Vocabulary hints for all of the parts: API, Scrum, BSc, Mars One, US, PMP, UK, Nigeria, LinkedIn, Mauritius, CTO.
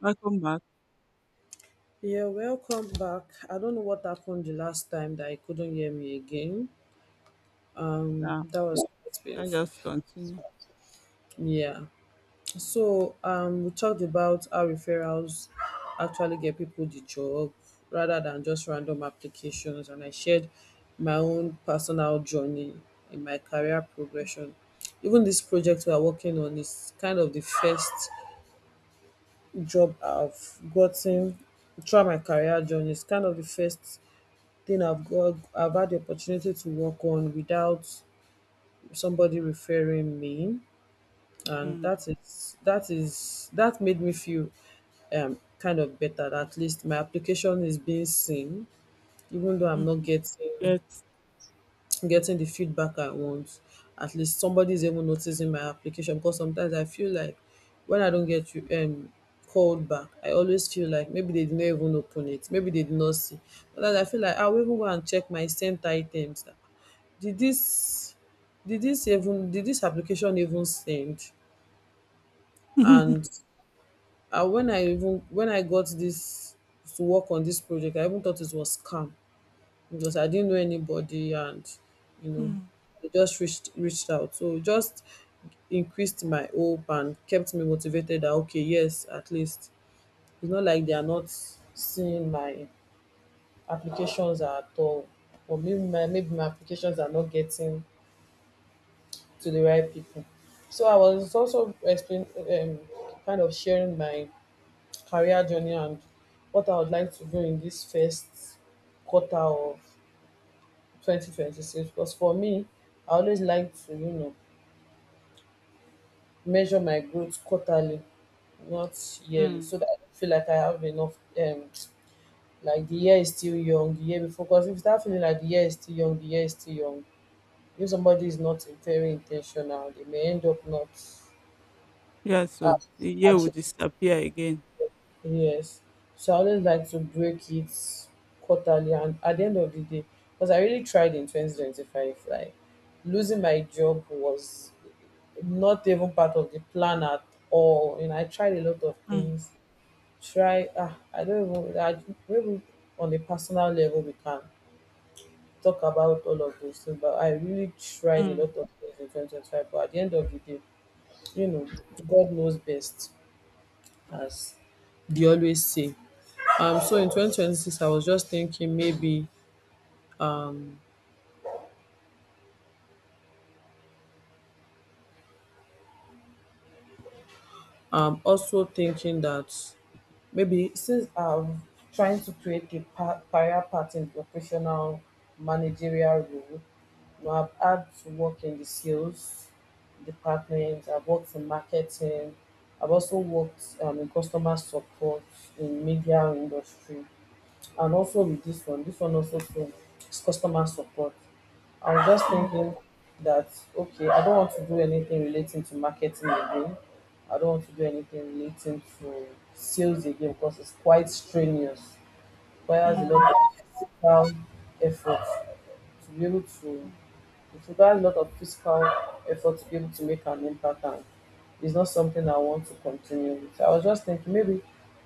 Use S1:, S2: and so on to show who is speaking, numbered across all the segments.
S1: Welcome back.
S2: Yeah, welcome back. I don't know what happened the last time that I couldn't hear me again.
S1: Yeah,
S2: That was quite
S1: I
S2: painful.
S1: just continue.
S2: Yeah. So we talked about how referrals actually get people the job rather than just random applications, and I shared my own personal journey in my career progression. Even this project we are working on is kind of the first job I've gotten throughout my career journey. It's kind of the first thing I've had the opportunity to work on without somebody referring me, and
S1: Mm.
S2: that made me feel kind of better. At least my application is being seen, even though I'm not
S1: Mm. Yet.
S2: getting the feedback I want. At least somebody's even noticing my application, because sometimes I feel like when I don't get you called back. I always feel like maybe they did not even open it, maybe they did not see. But I feel like I will even go and check my sent items. Did this did this application even send?
S1: Mm.
S2: And when I got this to work on this project, I even thought it was scam because I didn't know anybody, and you know they just reached out. So it just increased my hope and kept me motivated that, okay, yes, at least it's not like they are not seeing my applications at all. Or maybe my applications are not getting to the right people. So I was also explain kind of sharing my career journey and what I would like to do in this first quarter of 2026, because for me, I always like to measure my growth quarterly, not yearly,
S1: Mm.
S2: so that I don't feel like I have enough. um like, the year is still young. The year before Because if you start feeling like the year is still young, if somebody is not very intentional, they may end up not
S1: Yeah,
S2: uh,
S1: so the year will
S2: achieving.
S1: disappear again.
S2: Yes. So I always like to break it quarterly, and at the end of the day, because I really tried in 2025, like, losing my job was not even part of the plan at all. You know, I tried a lot of
S1: Mm.
S2: things. Try, ah, I don't even, I, maybe on a personal level, we can talk about all of those things, but I really tried a
S1: Mm.
S2: lot of things in 2025. But at the end of the day, you know, God knows best, as they always say. So in 2026, I was just thinking maybe um, I'm also thinking that maybe since I'm trying to create a career path in professional managerial role. You know, I've had to work in the sales department, I've worked in marketing, I've also worked in customer support in media industry. And also with this one also, same is customer support. I was just
S1: Mm.
S2: thinking that, okay, I don't want to do anything relating to marketing again. I don't want to do anything relating to sales again because it's quite strenuous. Requires a lot
S1: Mm.
S2: of physical effort to be able to, it requires a lot of physical effort to be able to make an impact, and it's not something I want to continue with. I was just thinking, maybe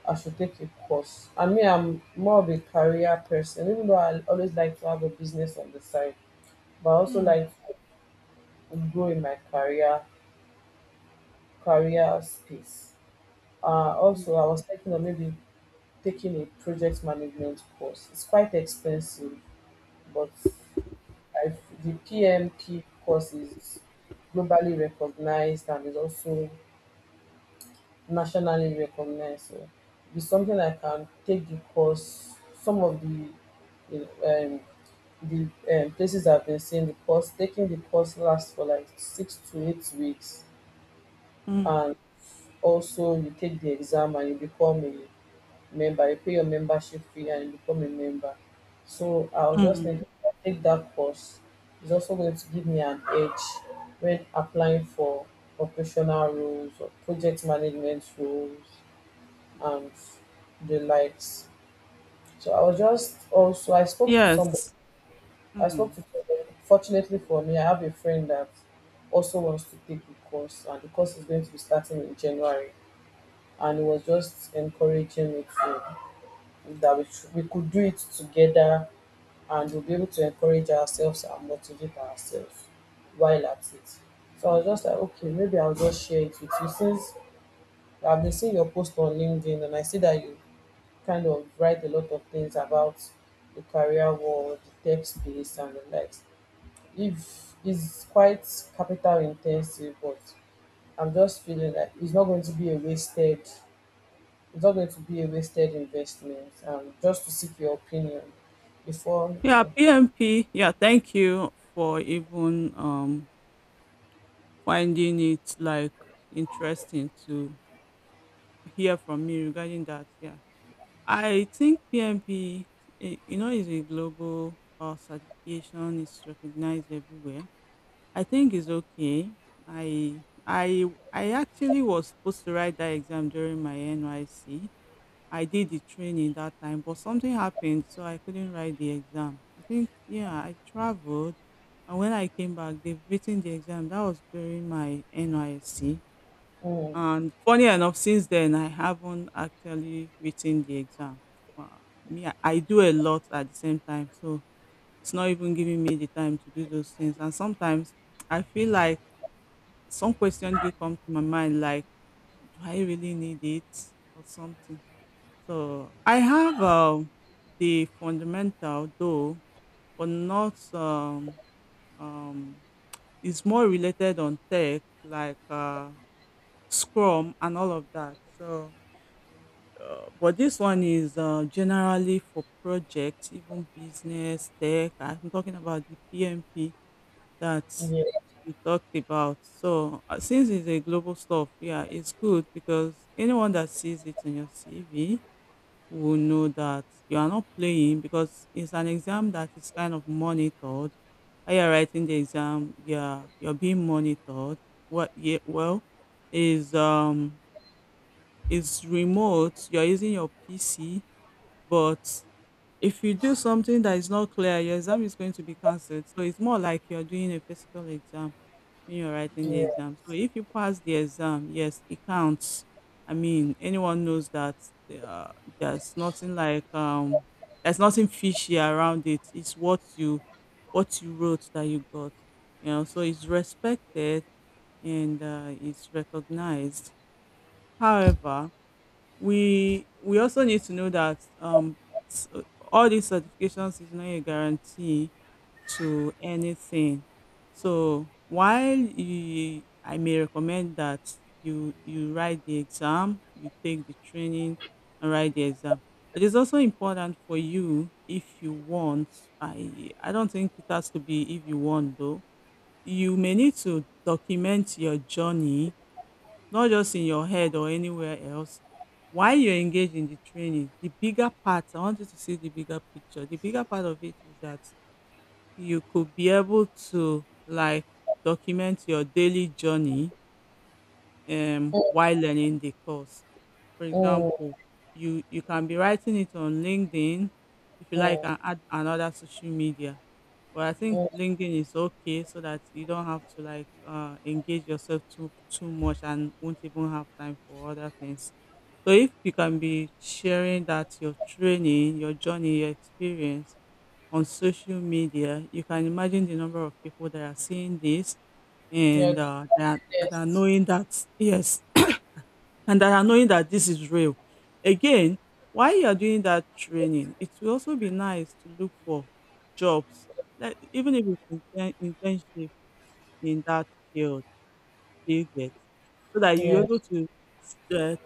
S2: I should take a course. I mean, I'm more of a career person, even though I always like to have a business on the side, but I also
S1: Mm.
S2: like to grow in my career space. Uh,
S1: Mm.
S2: also, I was thinking of maybe taking a project management course. It's quite expensive, but I, the PMP course is globally recognized and is also nationally recognized. So it's something I can take the course. Some of the you know, um, the places I've been seeing the course, taking the course lasts for like 6 to 8 weeks,
S1: Mm.
S2: and also you take the exam and you become a member, you pay your membership fee and you become a member. So I was just
S1: Mm.
S2: thinking, if I take that course, it's also going to give me an edge when applying for operational roles or project management roles and the likes. So I was just also I spoke to somebody.
S1: Yes. Mm.
S2: Fortunately for me, I have a friend that also wants to take the course, and the course is going to be starting in January. And he was just encouraging me to that we, should, we could do it together, and we'll be able to encourage ourselves and motivate ourselves while at it. So I was just like, okay, maybe I'll just share it with you since I've been seeing your post on LinkedIn and I see that you kind of write a lot of things about the career world, the tech space, and the likes. If it's quite capital intensive, but I'm just feeling that it's not going to be a wasted it's not going to be a wasted investment. Just to seek your opinion before.
S1: Yeah,
S2: You
S1: PMP. Yeah, thank you for even finding it like interesting to hear from me regarding that. Yeah. I think PMP, you know, is a global certification. It's recognized everywhere. I think it's okay. I I I actually was supposed to write that exam during my NYC. I did the training that time, but something happened, so I couldn't write the exam. I think yeah, I traveled, and when I came back, they've written the exam. That was during my NYC.
S2: know.
S1: And funny enough, since then, I haven't actually written the exam. Uh, Me, I do a lot at the same time, so it's not even giving me the time to do those things. And sometimes I feel like some questions do come to my mind, like, do I really need it or something? So I have the fundamental though, but not um. It's more related on tech, like Scrum and all of that. So but this one is generally for projects, even business, tech. I'm talking about the PMP that
S2: Mm. Yeah,
S1: you talked about. So since it's a global stuff, yeah, it's good because anyone that sees it in your CV will know that you are not playing because it's an exam that is kind of monitored. While you're writing the exam, yeah, you're being monitored. What? Yeah, well, is um is remote. You're using your PC, but if you do something that is not clear, your exam is going to be cancelled. So it's more like you're doing a physical exam when you're writing the
S2: yeah.
S1: exam. So if you pass the exam, yes, it counts. I mean, anyone knows that there's nothing there's nothing fishy around it. It's what you wrote that you got. You know, so it's respected and it's recognized. However, we also need to know that s- all these certifications is not a guarantee to anything, so I may recommend that you write the exam, you take the training and write the exam. It is also important for you if you want. I don't think it has to be. If you want though, you may need to document your journey, not just in your head or anywhere else. While you're engaged in the training, the bigger part, I want you to see the bigger picture. The bigger part of it is that you could be able to like document your daily journey
S2: Mm,
S1: while learning the course. For
S2: mm,
S1: example, you can be writing it on LinkedIn, if you like,
S2: mm,
S1: and add another social media. But I think
S2: mm.
S1: LinkedIn is okay so that you don't have to like engage yourself too much and won't even have time for other things. So if you can be sharing that your training, your journey, your experience on social media, you can imagine the number of people that are seeing this
S2: Yeah,
S1: and
S2: the
S1: that are
S2: best.
S1: knowing that, yes, and that are knowing that this is real. Again, while you're doing that training, it will also be nice to look for jobs, like, even if it's internship in that field, you get, so that you're
S2: Yeah.
S1: able to s- uh,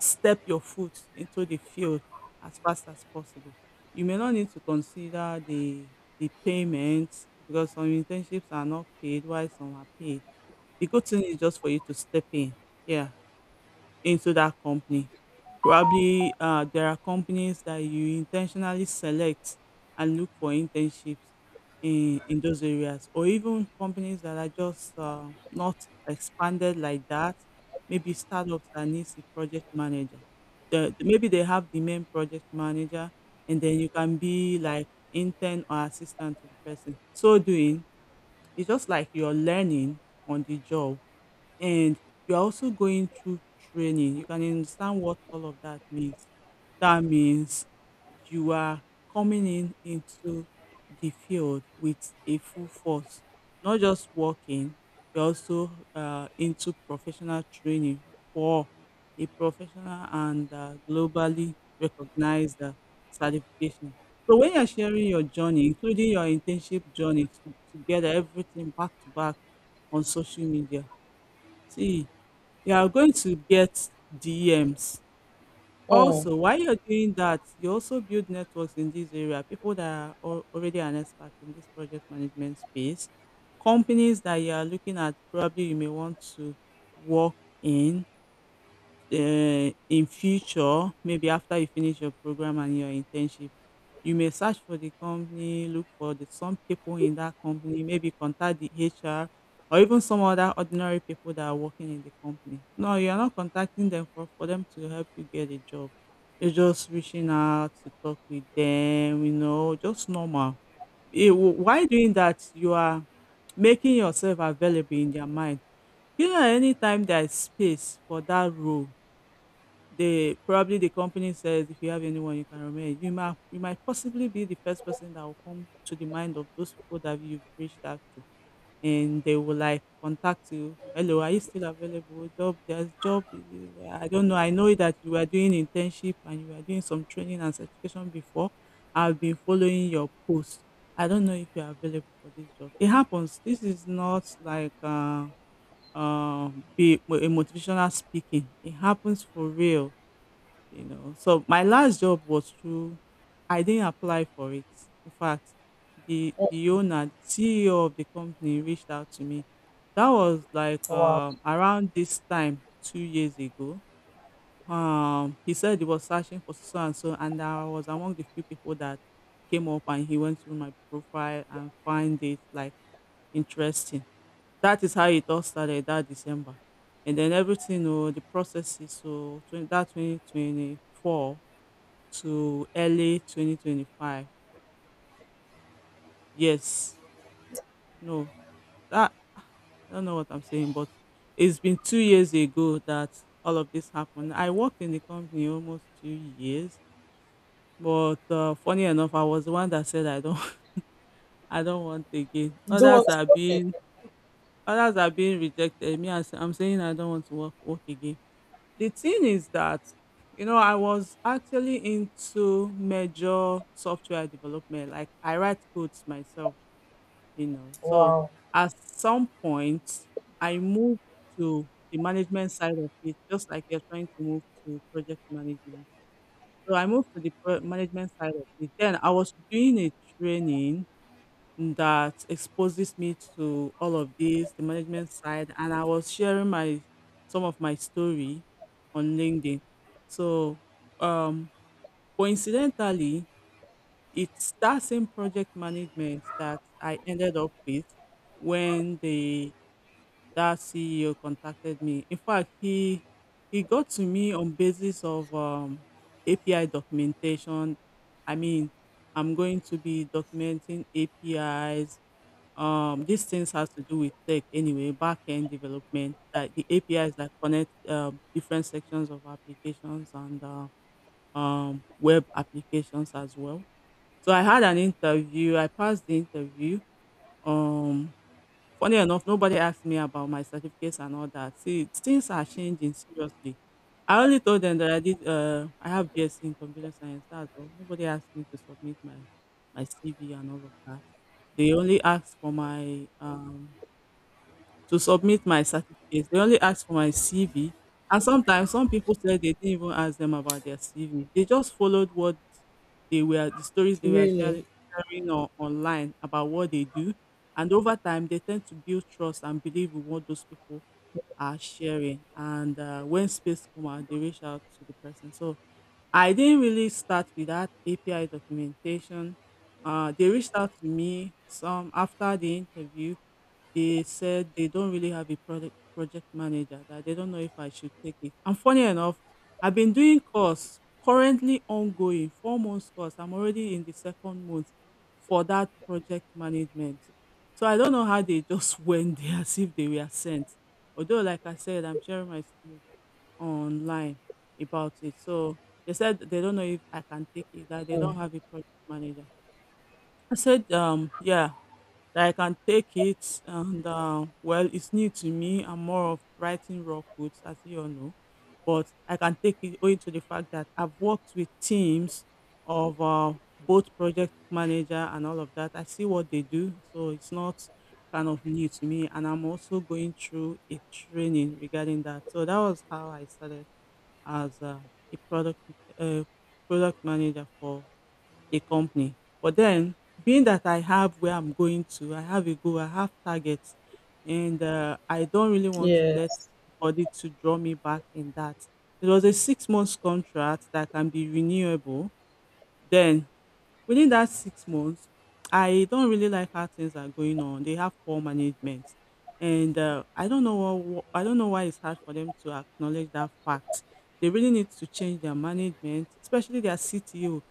S1: step your foot into the field as fast as possible. You may not need to consider the payments because some internships are not paid while some are paid. The good thing is just for you to step in, yeah, into that company. Probably there are companies that you intentionally select and look for internships in those areas, or even companies that are just not expanded like that. Maybe startups that needs a project manager. Maybe they have the main project manager, and then you can be like intern or assistant to the person. So doing, it's just like you're learning on the job and you're also going through training. You can understand what all of that means. That means you are coming in into the field with a full force, not just working. You're also into professional training for a professional and globally recognized certification. So when you're sharing your journey, including your internship journey, to, together, everything back to back on social media, see, you are going to get DMs.
S2: Mm,
S1: Also, while you're doing that, you also build networks in this area, people that are already an expert in this project management space, companies that you are looking at, probably you may want to work in. In future, maybe after you finish your program and your internship, you may search for the company, look for some people in that company, maybe contact the HR or even some other ordinary people that are working in the company. No, you are not contacting them for, them to help you get a job. You're just reaching out to talk with them, you know, just normal. Why doing that? You are making yourself available in their mind. You know, anytime there is space for that role, they probably, the company says if you have anyone you can remain, you might possibly be the first person that will come to the mind of those people that you've reached out to. And they will like contact you. Hello, are you still available? Job, there's job. I don't know. I know that you were doing internship and you were doing some training and certification before. I've been following your post. I don't know if you're available for this job. It happens. This is not like be a motivational speaking. It happens for real, you know, so my last job was through, I didn't apply for it. In fact, the
S2: mm.
S1: the owner, the CEO of the company reached out to me. That was like
S2: Wow.
S1: around this time 2 years ago. He said he was searching for so and so, and I was among the few people that came up, and he went through my profile and find it like interesting. That is how it all started that December, and then everything. Oh, the process is so that 2024 to early 2025. Yes, no, that, I don't know what I'm saying, but it's been 2 years ago that all of this happened. I worked in the company almost 2 years, but funny enough, I was the one that said I don't, I don't want again.
S2: You don't want to work it.
S1: Others are being rejected. Me, I'm saying I don't want to work again. The thing is that, you know, I was actually into major software development. Like I write codes myself. You know, so
S2: Wow,
S1: at some point, I moved to the management side of it, just like you're trying to move to project management. So I moved to the management side of it. Then I was doing a training that exposes me to all of this, the management side, and I was sharing my some of my story on LinkedIn. So um coincidentally it's that same project management that I ended up with when the that CEO contacted me. In fact, he got to me on basis of API documentation. I mean, I'm going to be documenting APIs. These things has to do with tech anyway, back end development, like the APIs that connect different sections of applications and web applications as well. So I had an interview. I passed the interview. Um, Funny enough, nobody asked me about my certificates and all that. See, things are changing seriously. I only told them that I did. I have BSc in computer science. That's all. Nobody asked me to submit my CV and all of that. They only asked for my to submit my certificate. They only asked for my CV. And sometimes some people said they didn't even ask them about their CV. They just followed the stories they were
S2: really?
S1: sharing on, online about what they do. And over time, they tend to build trust and believe in what those people are sharing. And when space come out, they reach out to the person. So I didn't really start with that API documentation. They reached out to me some after the interview, they said they don't really have a product project manager, that they don't know if I should take it. And funny enough, I've been doing course currently ongoing, 4 months course. I'm already in the second month for that project management. So I don't know how they just went there as if they were sent. Although, like I said, I'm sharing my story online about it. So they said they don't know if I can take it, that they
S2: Mm.
S1: don't have a project manager. I said, yeah, that I can take it and well, it's new to me. I'm more of writing raw codes, as you all know, but I can take it owing to the fact that I've worked with teams of both project manager and all of that. I see what they do, so it's not kind of new to me. And I'm also going through a training regarding that. So that was how I started as a product uh, product manager for a company. But then being that I have where I'm going to, I have a goal, I have targets, and I don't really want to let
S2: Yes,
S1: anybody to draw me back in that. It was a 6 months contract that can be renewable. Then within that 6 months, I don't really like how things are going on. They have poor management, and I don't know what, I don't know why it's hard for them to acknowledge that fact. They really need to change their management, especially their CTO,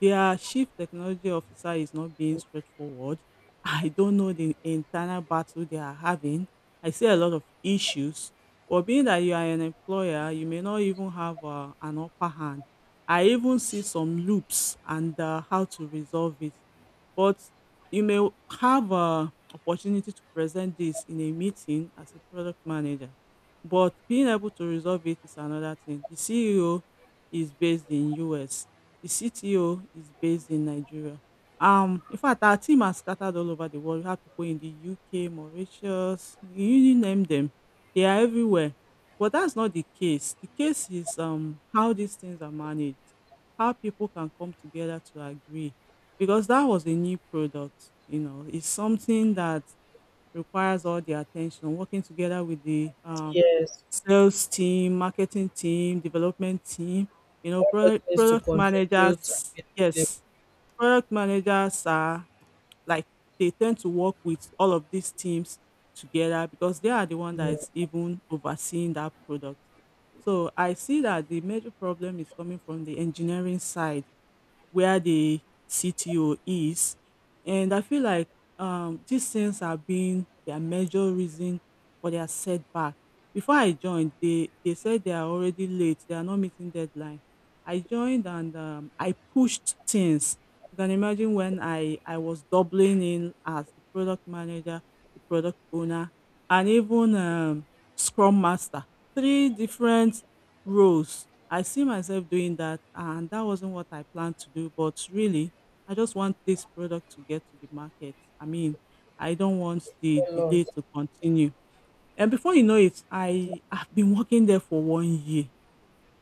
S1: their chief technology officer is not being straightforward. I don't know the internal battle they are having. I see a lot of issues. But being that you are an employer, you may not even have an upper hand. I even see some loops and how to resolve it. But you may have a opportunity to present this in a meeting as a product manager. But being able to resolve it is another thing. The CEO is based in US, the CTO is based in Nigeria. In fact, our team are scattered all over the world. We have people in the UK, Mauritius, you name them. They are everywhere. But that's not the case. The case is how these things are managed, how people can come together to agree. Because that was a new product, you know, it's something that requires all their attention. Working together with the
S2: yes.
S1: sales team, marketing team, development team, you know,
S2: Everybody
S1: product,
S2: needs to
S1: product
S2: contribute
S1: managers.
S2: and be
S1: Yes, product managers are like they tend to work with all of these teams together because they are the one that
S2: available.
S1: is even overseeing that product. So I see that the major problem is coming from the engineering side where the CTO is. And I feel like these things have been their major reason for their setback. Before I joined, they said they are already late, they are not meeting deadline. I joined and I pushed things. You can imagine when I was doubling in as the product manager, the product owner, and even scrum master. Three different roles I see myself doing that, and that wasn't what I planned to do. But really, I just want this product to get to the market. I mean, I don't want the
S2: Yeah, a lot.
S1: delay to continue. And before you know it, I have been working there for one year.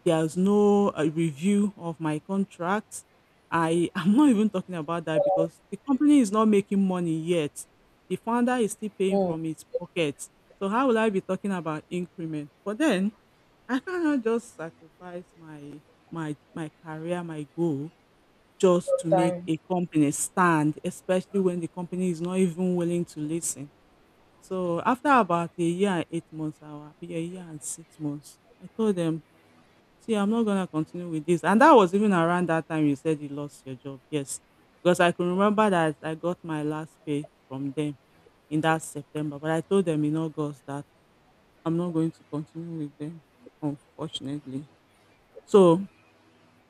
S1: There's no review of my contract. I am not even talking about that because the company is not making money yet. The founder is still paying
S2: Mm,
S1: from his pocket. So how will I be talking about increment? But then I cannot just sacrifice my career, my goal just
S2: your
S1: to make
S2: time.
S1: a company stand, especially when the company is not even willing to listen. So after about a year and 8 months, I will be a year and 6 months. I told them, see, I'm not gonna continue with this. And that was even around that time you said you lost your job. Yes. Because I can remember that I got my last pay from them in that September. But I told them in August that I'm not going to continue with them, unfortunately. So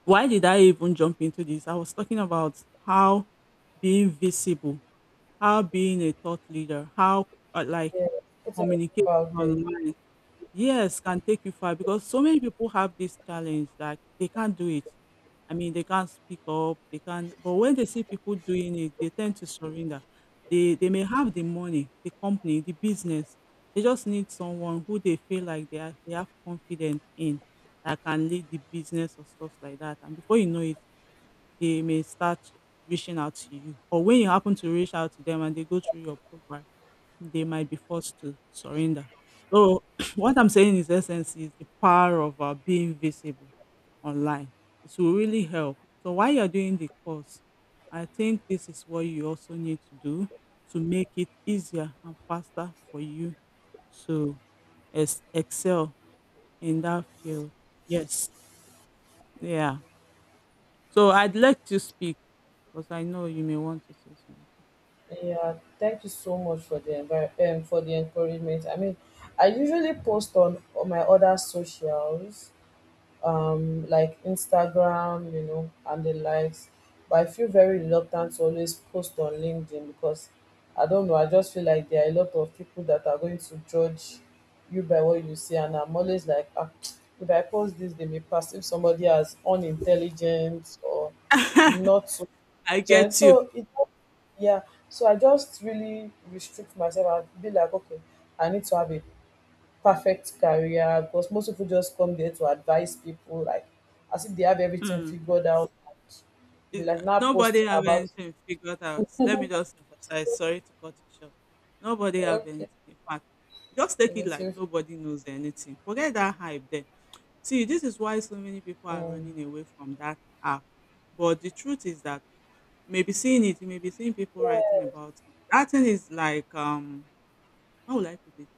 S1: why did I even jump into this? I was talking about how being visible, how being a thought leader, how like
S2: Yeah, putting yourself
S1: communicating
S2: out there.
S1: online. Yes, can take you far because so many people have this challenge that they can't do it. I mean, they can't speak up, they can't, but when they see people doing it, they tend to surrender. They may have the money, the company, the business. They just need someone who they feel like they have confidence in that can lead the business or stuff like that. And before you know it, they may start reaching out to you. Or when you happen to reach out to them and they go through your program, they might be forced to surrender. So what I'm saying is essence is the power of being visible online. It will really help. So while you're doing the course, I think this is what you also need to do to make it easier and faster for you to excel in that field. Yes. Yeah. So I'd like to speak because I know you may want to say something.
S2: Yeah, thank you so much for for the encouragement. I mean, I usually post on, my other socials, like Instagram, you know, and the likes. But I feel very reluctant to always post on LinkedIn because I don't know. I just feel like there are a lot of people that are going to judge you by what you see, and I'm always like, ah, if I post this, they may perceive somebody as unintelligent or not so
S1: I
S2: intelligent.
S1: get you.
S2: So it, yeah. So I just really restrict myself and be like, okay, I need to have a perfect career because most people just come there to advise people like as if they have everything
S1: Hmm.
S2: figured out. They
S1: It,
S2: like now post
S1: nobody have
S2: about,
S1: anything figured out. Let me just emphasize. Sorry to cut you short. Nobody have anything.
S2: okay,
S1: In fact, just take it like
S2: everything.
S1: nobody knows anything. Forget that hype there. See, this is why so many people are
S2: Mm,
S1: running away from that app. But the truth is that maybe seeing it, you may be seeing people writing about it. That thing is like how would I put it?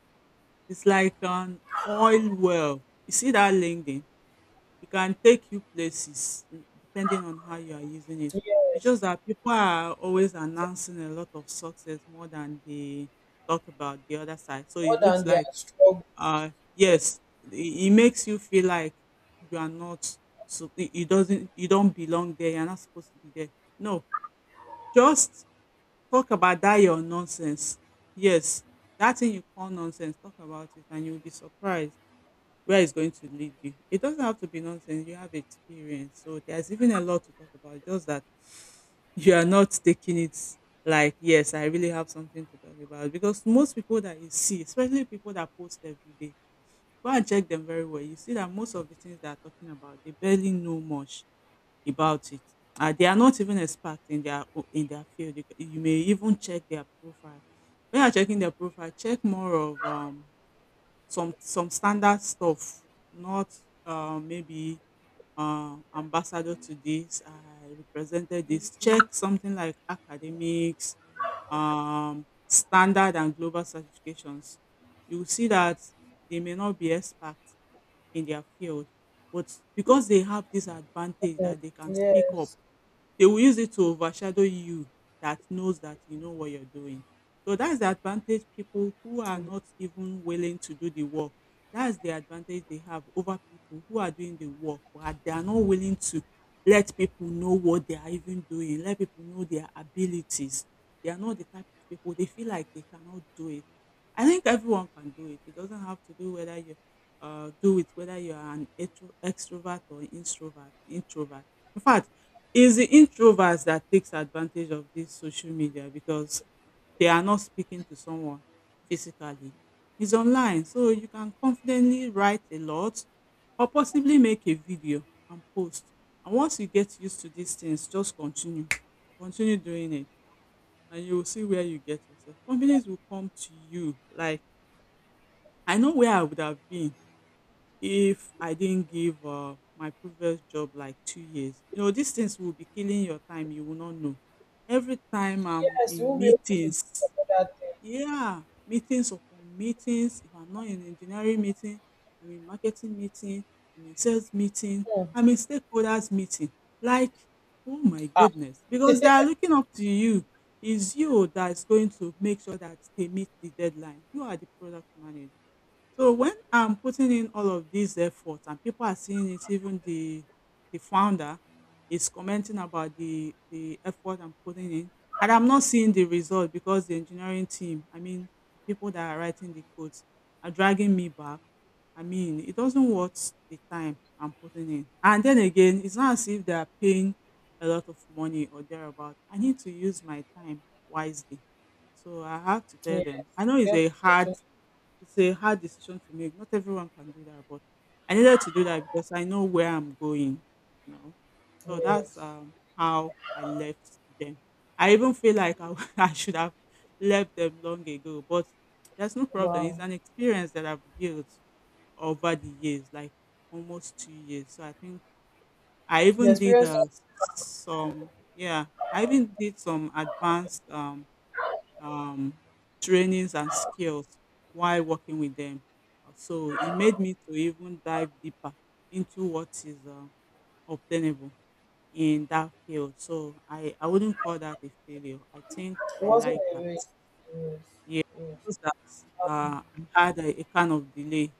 S1: It's like an oil well. You see that LinkedIn? It can take you places, mm, depending on how you are using it. It's
S2: yes.
S1: just that people are always announcing a lot of success more than they talk about the other side. So
S2: More
S1: it
S2: than
S1: looks
S2: their
S1: like,
S2: struggle.
S1: yes, it makes you feel like you are not, so it doesn't, you don't belong there. You're not supposed to be there. No, just talk about that your nonsense. Yes, that thing you call nonsense. Talk about it, and you'll be surprised where it's going to lead you. It doesn't have to be nonsense. You have experience. So there's even a lot to talk about, just that you are not taking it like, yes, I really have something to talk about. Because most people that you see, especially people that post every day, go and check them very well. You see that most of the things they are talking about, they barely know much about it. They are not even experts in their in their field. You, you may even check their profile. When you're checking their profile, check more of some standard stuff, not maybe ambassador to this, I represented this. Check something like academics, standard and global certifications, you will see that they may not be experts in their field, but because they have this advantage
S2: Mm,
S1: that they can speak up,
S2: yes,
S1: they will use it to overshadow you that knows that you know what you're doing. So that's the advantage people who are not even willing to do the work. That's the advantage they have over people who are doing the work, but they are not willing to let people know what they are even doing, let people know their abilities. They are not the type of people they feel like they cannot do it. I think everyone can do it. It doesn't have to do whether you do it whether you are an extrovert or introvert. Introvert. In fact, it's the introverts that takes advantage of this social media because they are not speaking to someone physically. It's online, so you can confidently write a lot or possibly make a video and post. And once you get used to these things, just continue, continue doing it and you will see where you get yourself. Companies will come to you. Like I know where I would have been if I didn't give my previous job like 2 years. You know, these things will be killing your time. You will not know. Every time I'm
S2: yes. You
S1: in
S2: won't be able to do
S1: meetings,
S2: some thing
S1: yeah, meetings upon meetings. If I'm not in engineering meeting, I'm in marketing meeting, I'm in sales meeting,
S2: mm,
S1: I'm in stakeholders meeting. Like, oh my
S2: ah,
S1: goodness, because they are looking up to you. It's you that's going to make sure that they meet the deadline. You are the product manager. So when I'm putting in all of these efforts and people are seeing it, even the founder is commenting about the effort I'm putting in, and I'm not seeing the result because the engineering team, I mean, the people that are writing the codes, are dragging me back. I mean, it doesn't worth the time I'm putting in. And then again, it's not as if they are paying a lot of money or thereabout. I need to use my time wisely. So I have to tell
S2: yes.
S1: them. I know
S2: Get the
S1: it's a hard
S2: opportunity.
S1: it's a hard decision to make. Not everyone can do that, but I needed to do that because I know where I'm going, you know. So that's
S2: Yes.
S1: how I left them. I even feel like I, I should have left them long ago, but there's no problem. It's
S2: Wow,
S1: an experience that I've built over the years, like almost 2 years. So I think I
S2: the
S1: even did
S2: experience.
S1: some, yeah, I even did some advanced um, trainings and skills while working with them. So it made me to even dive deeper into what is obtainable in that field. So I wouldn't call that a failure. I think
S2: It
S1: I
S2: wasn't
S1: like
S2: a
S1: that.
S2: waste. Yes,
S1: Yeah,
S2: yes.
S1: just that I had a kind of delay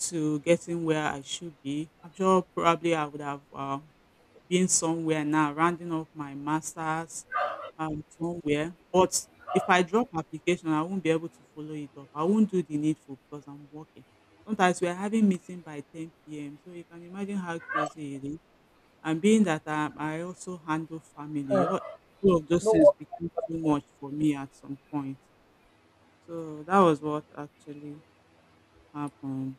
S1: to getting where I should be. I'm sure probably I would have been somewhere now, rounding off my master's somewhere. But if I drop application, I won't be able to follow it up. I won't do the needful because I'm working. Sometimes we're having meeting by 10 p.m. So you can imagine how crazy it is. And being that I also handle family,
S2: Ah,
S1: all of
S2: mm,
S1: those
S2: no.
S1: things became too much for me at some point. So that was what actually happened.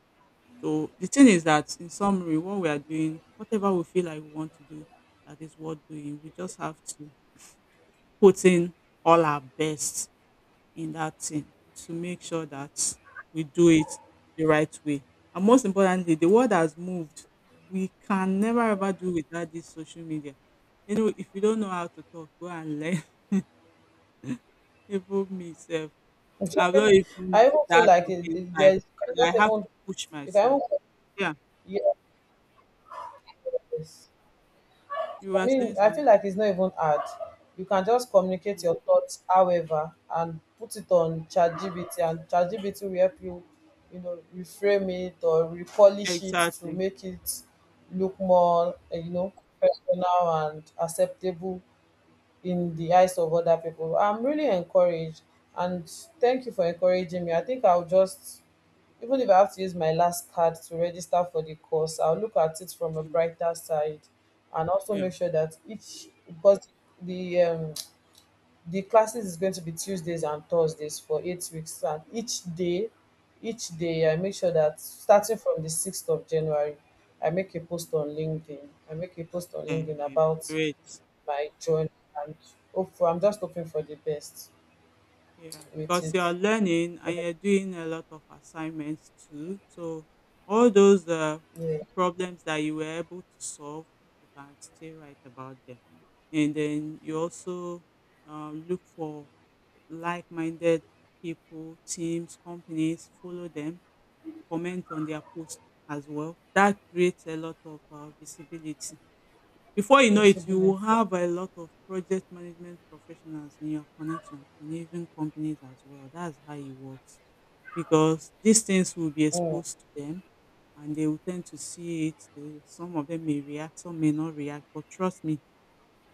S1: So the thing is that in summary, what we are doing, whatever we feel like we want to do, that is worth doing. We just have to put in all our best in that thing to make sure that we do it the right way. And most importantly, the world has moved. We can never ever do without this social media. You know, if you don't know how to talk, go and learn. Even myself, I'm not even
S2: I even feel
S1: that
S2: like it,
S1: talking
S2: it,
S1: type,
S2: there's
S1: but I have to push
S2: you can
S1: myself. Yeah,
S2: even, yes.
S1: you
S2: I
S1: were saying
S2: mean, I
S1: something.
S2: feel like it's not even hard. You can just communicate your thoughts, however, and put it on ChatGPT, and ChatGPT will help you, reframe it or repolish it to
S1: Exactly.
S2: make it look more, eh, personal and acceptable in the eyes of other people. I'm really encouraged, and thank you for encouraging me. I think I'll just, even if I have to use my last card to register for the course, I'll look at it from a
S1: Mm,
S2: brighter side, and also
S1: yeah.
S2: make sure that each because the classes is going to be Tuesdays and Thursdays for 8 weeks, and each day
S1: Mm,
S2: I make sure that starting from the 6th of January I make a post on LinkedIn.
S1: mhm.
S2: About
S1: Great.
S2: by John, and hope for, I'm just hoping for the best
S1: Yeah,
S2: with
S1: because
S2: it.
S1: you are learning and
S2: But,
S1: you're doing a lot of assignments too. So all those
S2: yeah,
S1: problems that you were able to solve, you can still write about them. And then you also look for like-minded people, teams, companies, follow them, comment on their posts as well. That creates a lot of visibility. Before you know it, you
S2: receiving it.
S1: will have a lot of project management professionals in your connection and even companies as well. That's how it works because these things will be
S2: Mm,
S1: exposed to them and they will tend to see it. They- Some of them may react, some may not react, but trust me,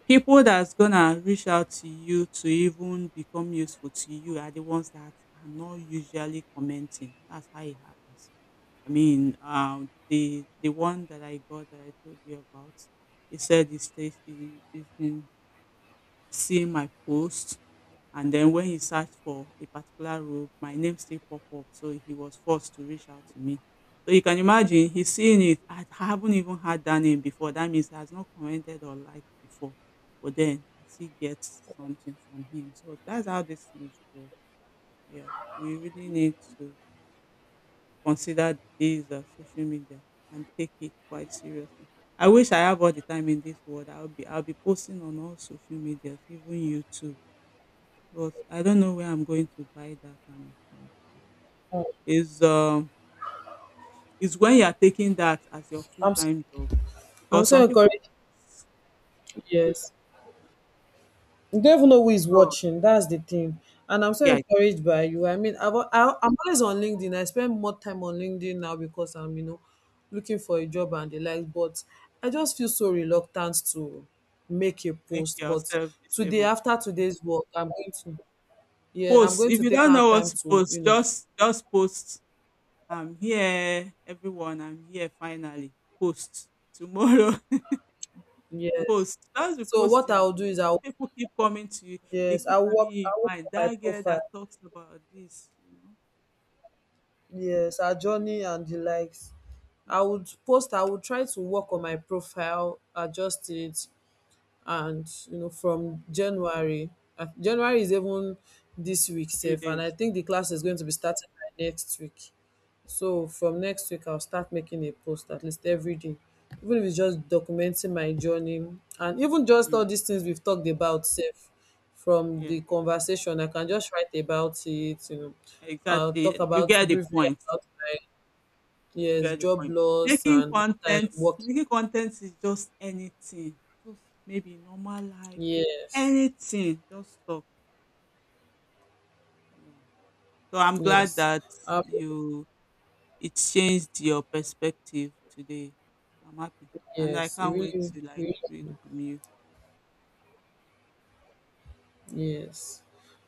S1: people that's gonna reach out to you to even become useful to you are the ones that are not usually commenting. That's how it happens. I mean, the one that I got that I told you about, he said he's been seeing my post, and then when he searched for a particular robe, my name still pop up, so he was forced to reach out to me. So you can imagine he's seeing it. I haven't even had that name before. That means he has not commented or liked before. But then I still get something from him. So that's how these things work. Yeah, we really need to consider these social media and take it quite seriously. I wish I have all the time in this world. I'll be posting on all social medias, even YouTube. But I don't know where I'm going to buy that kind of time. From.
S2: mm.
S1: Is um is when you are taking that as your full
S2: I'm so,
S1: time job
S2: I'm
S1: because
S2: so
S1: some people think,
S2: encouraged. Yes. You don't even know who is
S1: oh,
S2: watching. That's the thing. And I'm so
S1: yeah it
S2: encouraged by you. I mean, I'm always on LinkedIn. I spend more time on LinkedIn now because I'm, you know, looking for a job and the like. But I just feel so reluctant to make a
S1: make
S2: post. But
S1: yourself
S2: today,
S1: disabled.
S2: after today's work, I'm going to, yeah, I'm
S1: Post
S2: going
S1: if
S2: to
S1: you
S2: take
S1: don't know
S2: out
S1: what
S2: time
S1: to
S2: to,
S1: post, just post. I'm here, everyone. I'm here finally. Post tomorrow.
S2: yes.
S1: post. That's the
S2: So what
S1: posting.
S2: I'll do is, I'll
S1: people keep coming to you. They
S2: yes,
S1: keep
S2: I'll
S1: having
S2: work
S1: you in
S2: I'll work
S1: mind.
S2: on my
S1: That girl that
S2: profile.
S1: talks about this, you know,
S2: Yes, our journey and the likes. I would
S1: mm,
S2: post, I would try to work on my profile, adjust it,
S1: mm,
S2: and from January, January is even this week
S1: few
S2: safe, and I
S1: days.
S2: think the class is going to be starting by next week. So from next week I'll start making a post at least every day, even if it's just documenting my journey, and even just
S1: Mm,
S2: all these things we've talked about safe. From
S1: yeah,
S2: the conversation I can just write about it, you know. I'll talk
S1: exactly. You
S2: about
S1: get the
S2: briefly
S1: point.
S2: about my,
S1: You
S2: yes,
S1: get the
S2: job
S1: point.
S2: loss
S1: Making
S2: and what I'm
S1: content,
S2: working.
S1: making content is just anything. Just maybe normal life,
S2: Yes,
S1: anything. Just talk. Yeah. So I'm glad
S2: yes.
S1: that
S2: um
S1: you it changed your perspective today. I'm happy, and I
S2: Yes, it
S1: can't wait
S2: really,
S1: to like
S2: really,
S1: read from you.
S2: yes.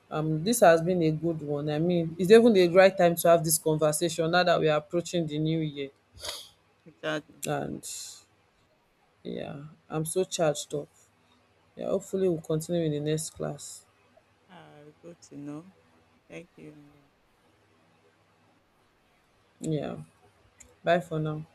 S2: This has been a good one. I mean, it's even the right time to have this conversation now that we are approaching the new year.
S1: Exactly.
S2: And yeah, I'm so charged up. Yeah, hopefully we'll continue in the next class.
S1: Ah, good to know. Thank you. Amber.
S2: Yeah. Bye for now.